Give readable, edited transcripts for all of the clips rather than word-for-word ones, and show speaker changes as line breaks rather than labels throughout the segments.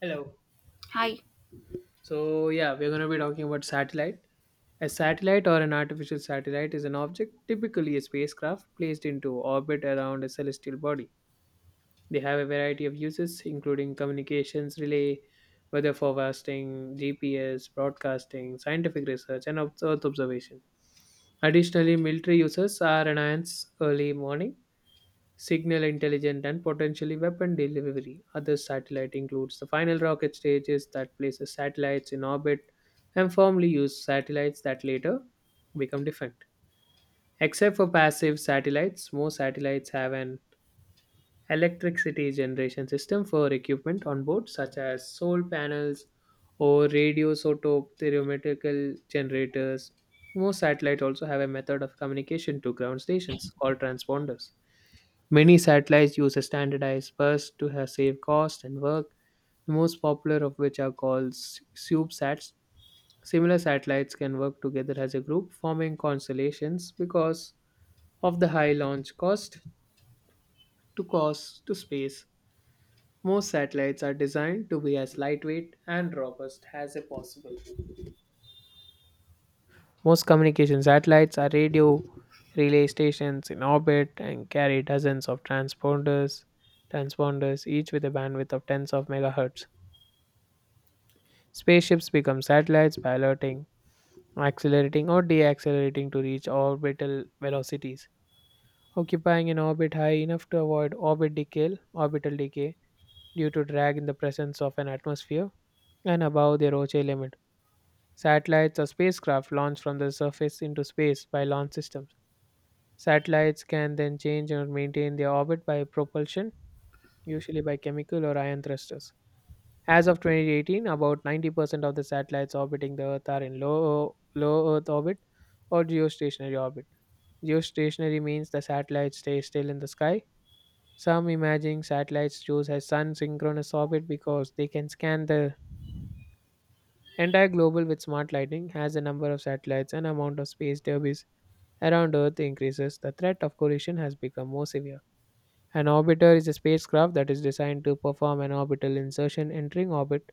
Hello.
Hi.
So, yeah, we're going to be talking about satellite. A satellite or an artificial satellite is an object, typically a spacecraft, placed into orbit around a celestial body. They have a variety of uses, including communications, relay, weather forecasting, GPS, broadcasting, scientific research, and Earth observation. Additionally, military uses are enhanced early morning signal intelligent and potentially weapon delivery. Other satellite includes the final rocket stages that places satellites in orbit and firmly use satellites that later become different. Except for passive satellites, most satellites have an electricity generation system for equipment on board, such as solar panels or radioisotope thermometrical generators. Most satellites also have a method of communication to ground stations called transponders. Many satellites use a standardized bus to save cost and work, the most popular of which are called CubeSats. Similar satellites can work together as a group, forming constellations because of the high launch cost to space. Most satellites are designed to be as lightweight and robust as possible. Most communication satellites are radio relay stations in orbit and carry dozens of transponders, each with a bandwidth of tens of megahertz. Spaceships become satellites by alerting, accelerating or deaccelerating to reach orbital velocities, occupying an orbit high enough to avoid orbital decay due to drag in the presence of an atmosphere and above their Roche limit. Satellites or spacecraft launched from the surface into space by launch systems. Satellites can then change or maintain their orbit by propulsion, usually by chemical or ion thrusters. As of 2018, about 90% of the satellites orbiting the Earth are in low Earth orbit or geostationary orbit. Geostationary means the satellites stay still in the sky. Some imaging satellites choose a sun synchronous orbit because they can scan the entire global with smart lighting. As the number of satellites and amount of space debris around Earth increases, the threat of collision has become more severe. An orbiter is a spacecraft that is designed to perform an orbital insertion entering orbit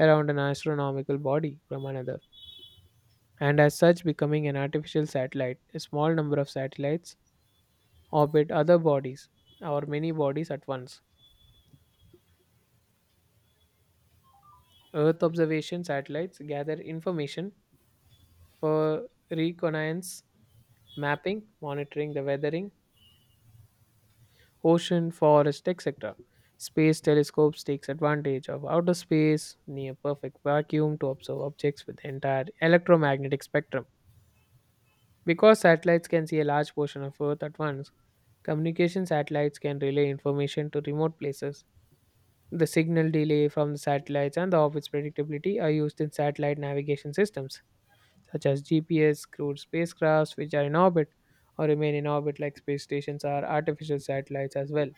around an astronomical body from another, and as such becoming an artificial satellite. A small number of satellites orbit other bodies or many bodies at once. Earth observation satellites gather information for reconnaissance, mapping, monitoring the weathering, ocean, forest, etc. Space telescopes takes advantage of outer space near perfect vacuum to observe objects with the entire electromagnetic spectrum. Because satellites can see a large portion of Earth at once, communication satellites can relay information to remote places. The signal delay from the satellites and the orbit's predictability are used in satellite navigation systems, such as GPS, crewed spacecrafts which are in orbit or remain in orbit like space stations are artificial satellites as well.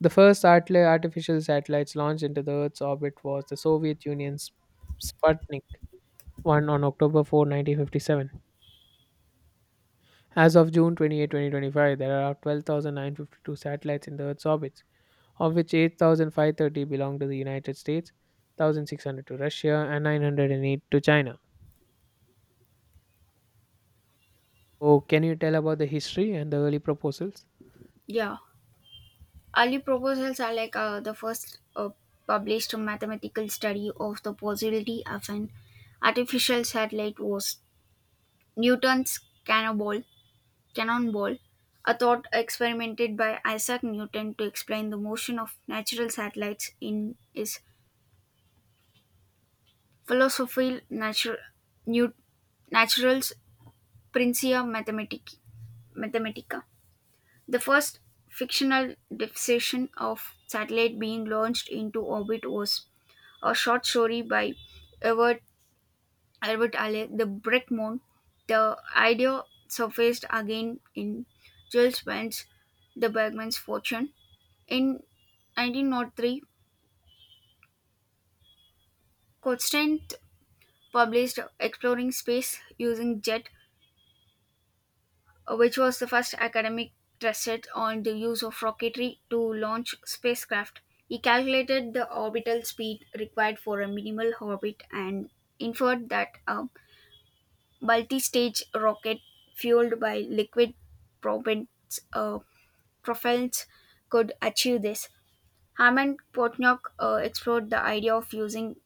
The first artificial satellites launched into the Earth's orbit was the Soviet Union's Sputnik 1 on October 4, 1957. As of June 28, 2025, there are 12,952 satellites in the Earth's orbits, of which 8,530 belong to the United States, 1,600 to Russia, and 908 to China. Oh, can you tell about the history and the early proposals?
Yeah. Early proposals are like the first published mathematical study of the possibility of an artificial satellite was Newton's cannonball, cannonball, a thought experimented by Isaac Newton to explain the motion of natural satellites in his philosophical natur- new- naturals Principia Mathematici- Mathematica. The first fictional depiction of satellite being launched into orbit was a short story by Edward Albert Alley, The Brick Moon. The idea surfaced again in Jules Verne's The Bergman's Fortune. In 1903, Constant published Exploring Space Using Jet, which was the first academic tested on the use of rocketry to launch spacecraft. He calculated the orbital speed required for a minimal orbit and inferred that a multi stage rocket fueled by liquid propellants, uh, propellants could achieve this. Hammond Portnoy explored the idea of using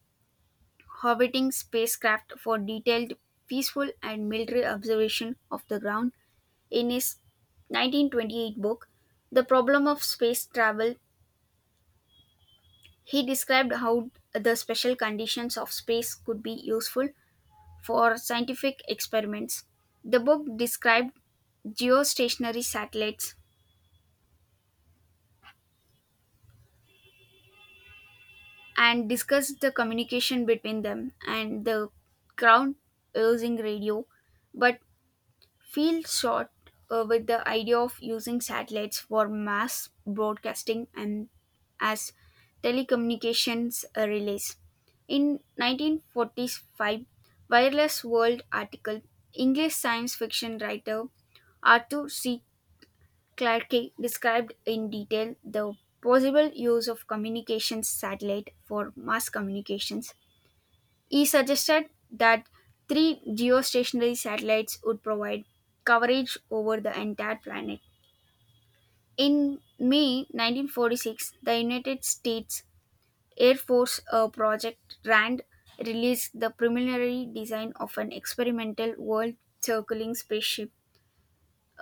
orbiting spacecraft for detailed, peaceful, and military observation of the ground in his 1928 book, The Problem of Space Travel, he described how the special conditions of space could be useful for scientific experiments. The book described geostationary satellites and discussed the communication between them and the ground using radio, but Field shot with the idea of using satellites for mass broadcasting and as telecommunications relays. In 1945, Wireless World article, English science fiction writer Arthur C. Clarke described in detail the possible use of communications satellite for mass communications. He suggested that three geostationary satellites would provide coverage over the entire planet. In May 1946, the United States Air Force, Project RAND, released the preliminary design of an experimental world circling spaceship,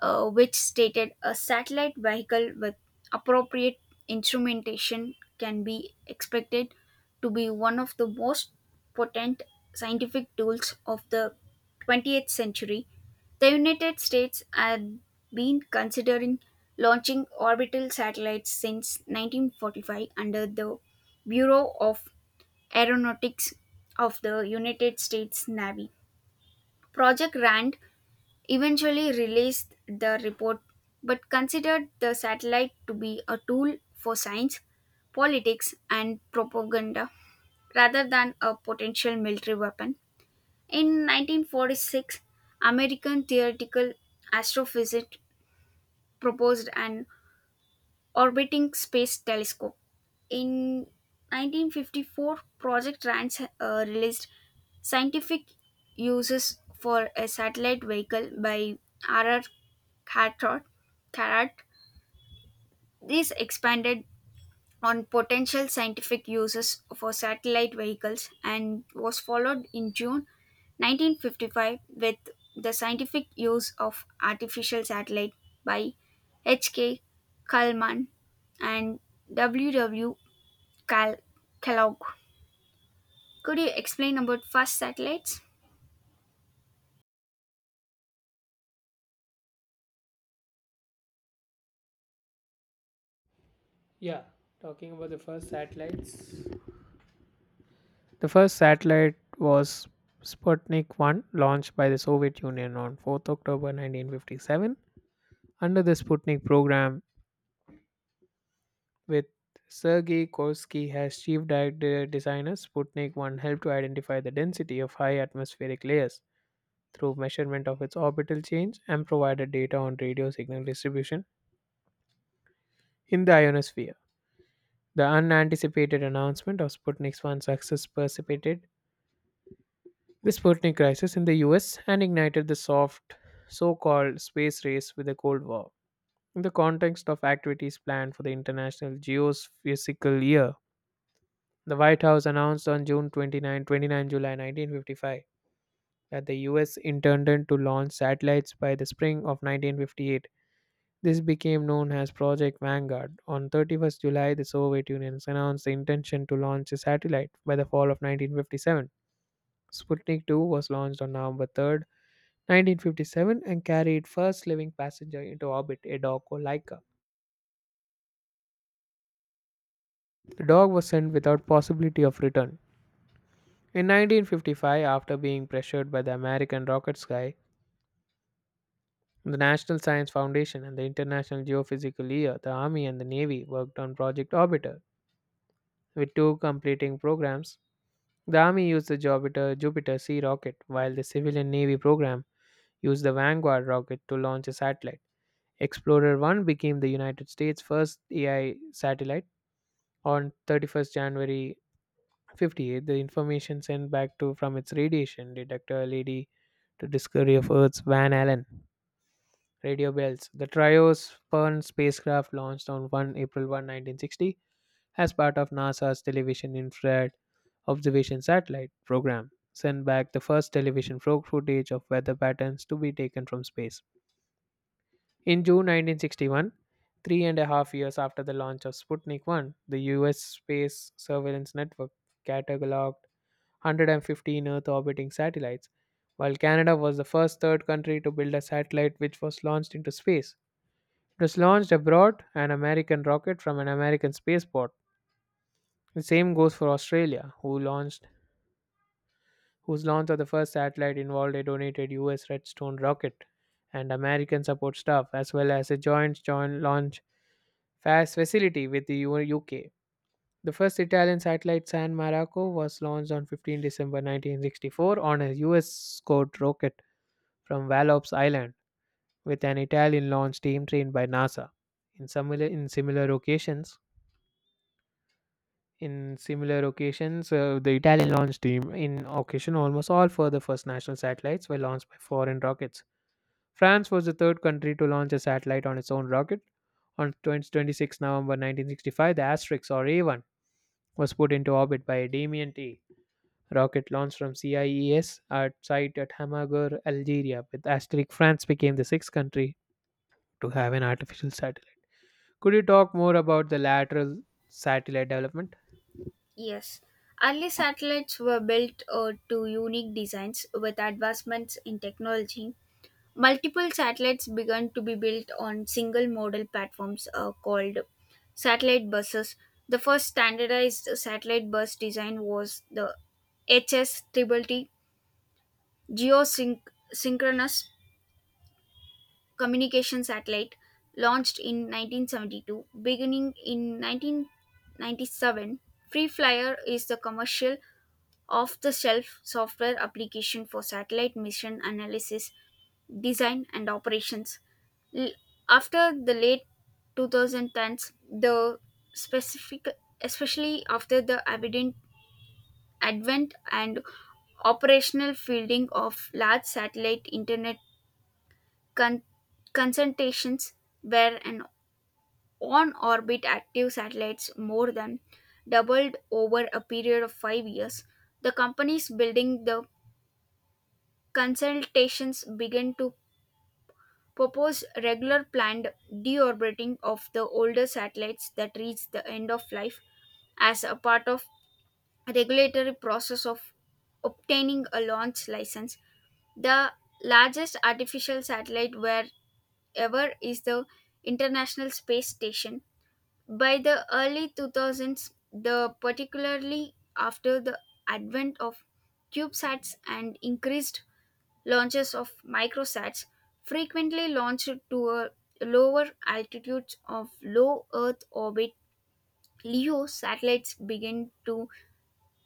which stated a satellite vehicle with appropriate instrumentation can be expected to be one of the most potent scientific tools of the 20th century. The United States had been considering launching orbital satellites since 1945 under the Bureau of Aeronautics of the United States Navy. Project RAND eventually released the report but considered the satellite to be a tool for science, politics, and propaganda rather than a potential military weapon. In 1946, American theoretical astrophysicist proposed an orbiting space telescope. In 1954, Project Rance released scientific uses for a satellite vehicle by R.R. Carrot. Carrot. This expanded on potential scientific uses for satellite vehicles and was followed in June 1955 with the scientific use of artificial satellite by H.K. Kalman and W. W. Cal- Kellogg. Could you explain about first satellites?
Yeah, talking about the first satellites. The first satellite was Sputnik 1, launched by the Soviet Union on 4th October 1957 under the Sputnik program with Sergei Korsky as chief designer. Sputnik 1 helped to identify the density of high atmospheric layers through measurement of its orbital change and provided data on radio signal distribution in the ionosphere. The unanticipated announcement of Sputnik 1's success precipitated the Sputnik crisis in the US and ignited the soft so called space race with the Cold War. In the context of activities planned for the International Geophysical Year, the White House announced on 29 July 1955 that the US intended to launch satellites by the spring of 1958. This became known as Project Vanguard. On 31st July, the Soviet Union announced the intention to launch a satellite by the fall of 1957. Sputnik 2 was launched on November 3rd, 1957 and carried first living passenger into orbit, a dog called Laika. The dog was sent without possibility of return. In 1955, after being pressured by the American rocket sky, the National Science Foundation and the International Geophysical Year, the Army and the Navy worked on Project Orbiter, with two completing programs. The Army used the Jupiter C rocket, while the civilian Navy program used the Vanguard rocket to launch a satellite. Explorer 1 became the United States' first AI satellite on 31st January 58. The information sent back to from its radiation detector led to discovery of Earth's Van Allen radio bells. The trio's Pern spacecraft launched on 1 April 1, 1960 as part of NASA's Television Infrared Observation Satellite program, sent back the first television frog footage of weather patterns to be taken from space. In June 1961, three and a half years after the launch of Sputnik 1, the US space surveillance network cataloged 115 Earth orbiting satellites, while Canada was the first third country to build a satellite which was launched into space. It was launched abroad an American rocket from an American spaceport. The same goes for Australia, who launched whose launch of the first satellite involved a donated US Redstone rocket and American support staff, as well as a joint launch fast facility with the UK. The first Italian satellite San Marco was launched on 15 December 1964 on a US scored rocket from Vallops Island with an Italian launch team trained by NASA. In similar, in similar occasions, In similar occasions, the Italian launch team in occasion almost all further first national satellites were launched by foreign rockets. France was the third country to launch a satellite on its own rocket. On 20 26 November 1965, the Asterix or A1 was put into orbit by a Damien T rocket launched from CIES at site at Hamagur, Algeria. With Asterix, France became the sixth country to have an artificial satellite. Could you talk more about the lateral satellite development?
Yes. Early satellites were built to unique designs with advancements in technology. Multiple satellites began to be built on single model platforms called satellite buses. The first standardized satellite bus design was the HS TTT Geosynchronous Communication Satellite, launched in 1972. Beginning in 1997, Free Flyer is the commercial off the shelf software application for satellite mission analysis design and operations. L- After the late 2010s, the specific, especially after the evident advent and operational fielding of large satellite internet con- concentrations, where an on-orbit active satellites more than doubled over a period of 5 years, the companies building the consultations began to propose regular planned deorbiting of the older satellites that reach the end of life as a part of regulatory process of obtaining a launch license. The largest artificial satellite wherever is the international space station. By the early 2000s, the particularly after the advent of cubesats and increased launches of microsats frequently launched to a lower altitudes of low Earth orbit. LEO satellites begin to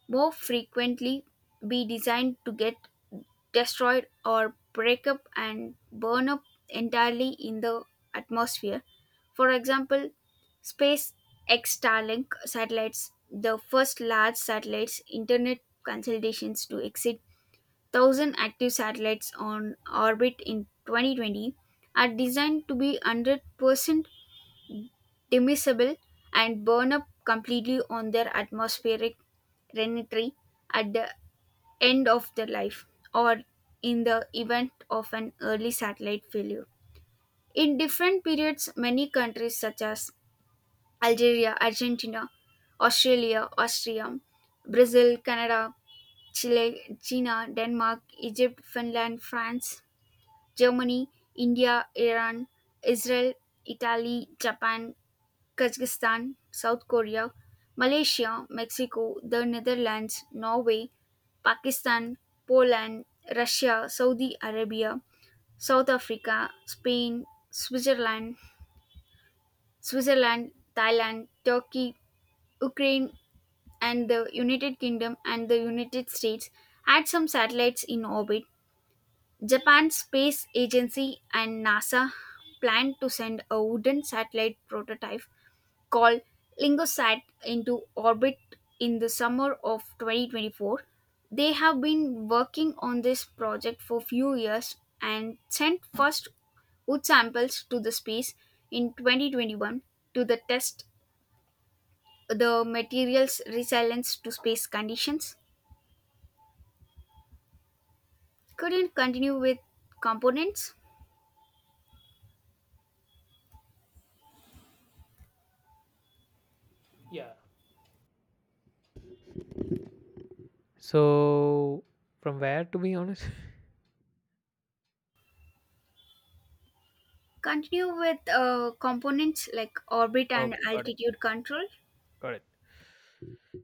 more frequently be designed to get destroyed or break up and burn up entirely in the atmosphere. For example, SpaceX Starlink satellites, the first large satellites internet consultations to exit thousand active satellites on orbit in 2020, are designed to be 100% immiscible and burn up completely on their atmospheric renetry at the end of their life or in the event of an early satellite failure. In different periods, many countries such as Algeria, Argentina, Australia, Austria, Brazil, Canada, Chile, China, Denmark, Egypt, Finland, France, Germany, India, Iran, Israel, Italy, Japan, Kazakhstan, South Korea, Malaysia, Mexico, the Netherlands, Norway, Pakistan, Poland, Russia, Saudi Arabia, South Africa, Spain, Switzerland, Switzerland, Thailand, Turkey, Ukraine, and the United Kingdom and the United States had some satellites in orbit. Japan's space agency and NASA plan to send a wooden satellite prototype called Lingosat into orbit in the summer of 2024. They have been working on this project for few years and sent first wood samples to the space in 2021 to the test the material's resilience to space conditions. Couldn't continue with components.
Yeah. So, from where to be honest?
Continue with components like orbit and
Okay, got it.
altitude control.
Got it.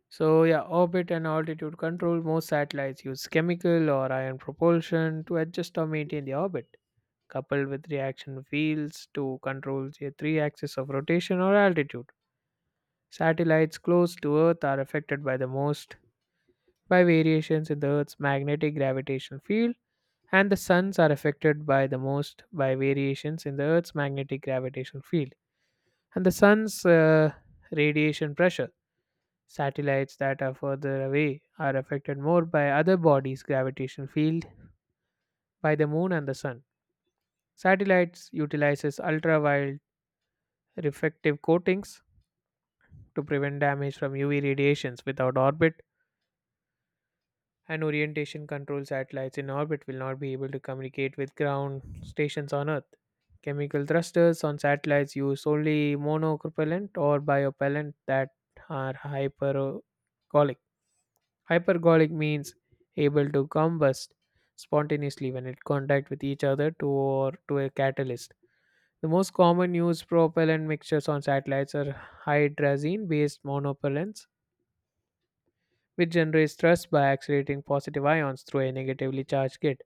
So, yeah, orbit and altitude control. Most satellites use chemical or ion propulsion to adjust or maintain the orbit, coupled with reaction wheels to control the three axis of rotation or altitude. Satellites close to Earth are affected by the most by variations in the Earth's magnetic gravitational field, and the suns are affected by the most by variations in the Earth's magnetic gravitational field and the sun's radiation pressure. Satellites that are further away are affected more by other bodies' gravitational field by the moon and the sun. Satellites utilizes ultraviolet reflective coatings to prevent damage from UV radiations without orbit and orientation control satellites in orbit will not be able to communicate with ground stations on Earth. Chemical thrusters on satellites use only monocropellant or biopellant that are hypergolic. Hypergolic means able to combust spontaneously when it contact with each other to or to a catalyst. The most common used propellant mixtures on satellites are hydrazine based monopellants which generates thrust by accelerating positive ions through a negatively charged gate.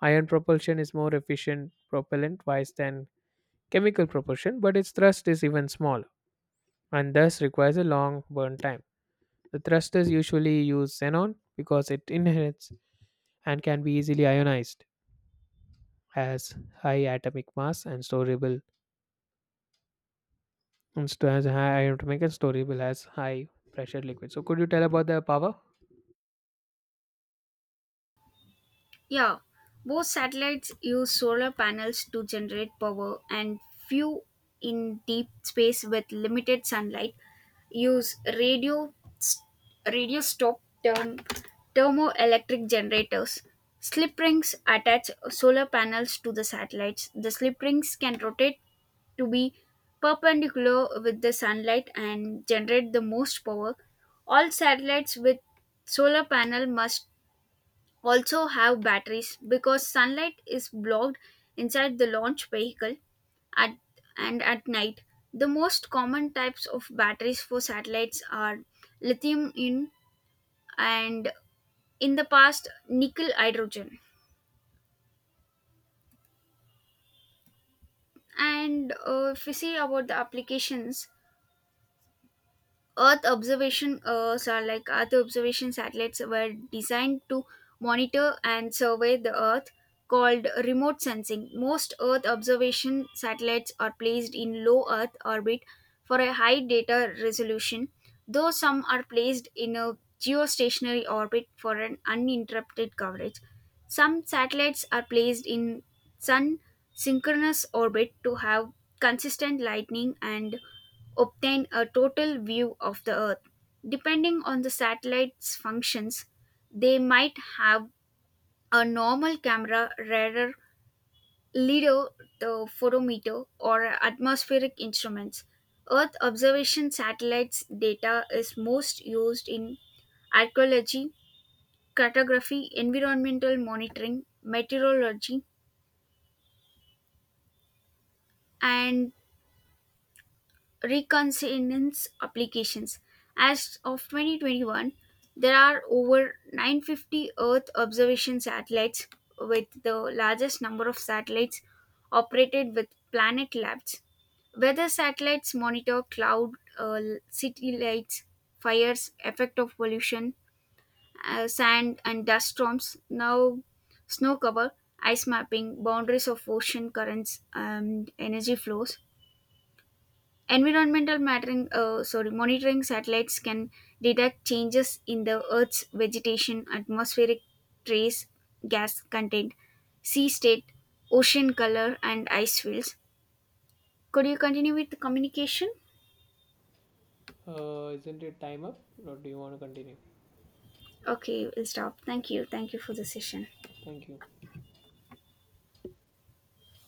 Ion propulsion is more efficient propellant wise than chemical propulsion, but its thrust is even smaller and thus requires a long burn time. The thrusters usually use xenon because it inherits and can be easily ionized, has high atomic mass and storable and has high atomic and storable as high pressure liquid. So could you tell about the power?
Yeah, both satellites use solar panels to generate power, and few in deep space with limited sunlight use radio stop term, thermoelectric generators. Slip rings attach solar panels to the satellites. The slip rings can rotate to be perpendicular with the sunlight and generate the most power. All satellites with solar panel must also have batteries because sunlight is blocked inside the launch vehicle at and at night. The most common types of batteries for satellites are lithium in and in the past nickel hydrogen. And if we see about the applications, Earth observation, so like Earth observation satellites were designed to monitor and survey the Earth, called remote sensing. Most Earth observation satellites are placed in low Earth orbit for a high data resolution, though some are placed in a geostationary orbit for an uninterrupted coverage. Some satellites are placed in sun synchronous orbit to have consistent lightning and obtain a total view of the Earth. Depending on the satellite's functions, they might have a normal camera, radar, LIDAR, the photometer, or atmospheric instruments. Earth observation satellites data is most used in archaeology, cartography, environmental monitoring, meteorology, and reconnaissance applications. As of 2021, there are over 950 Earth observation satellites, with the largest number of satellites operated with Planet Labs. Weather satellites monitor cloud, uh, city lights, fires, effect of pollution, sand and dust storms, now snow cover, ice mapping, boundaries of ocean currents, and energy flows. Environmental monitoring satellites can detect changes in the Earth's vegetation, atmospheric trace gas content, sea state, ocean color, and ice fields. Could you continue with the communication?
Isn't it time up or do you want to continue?
Okay, we'll stop. Thank you. Thank you for the session.
Thank you.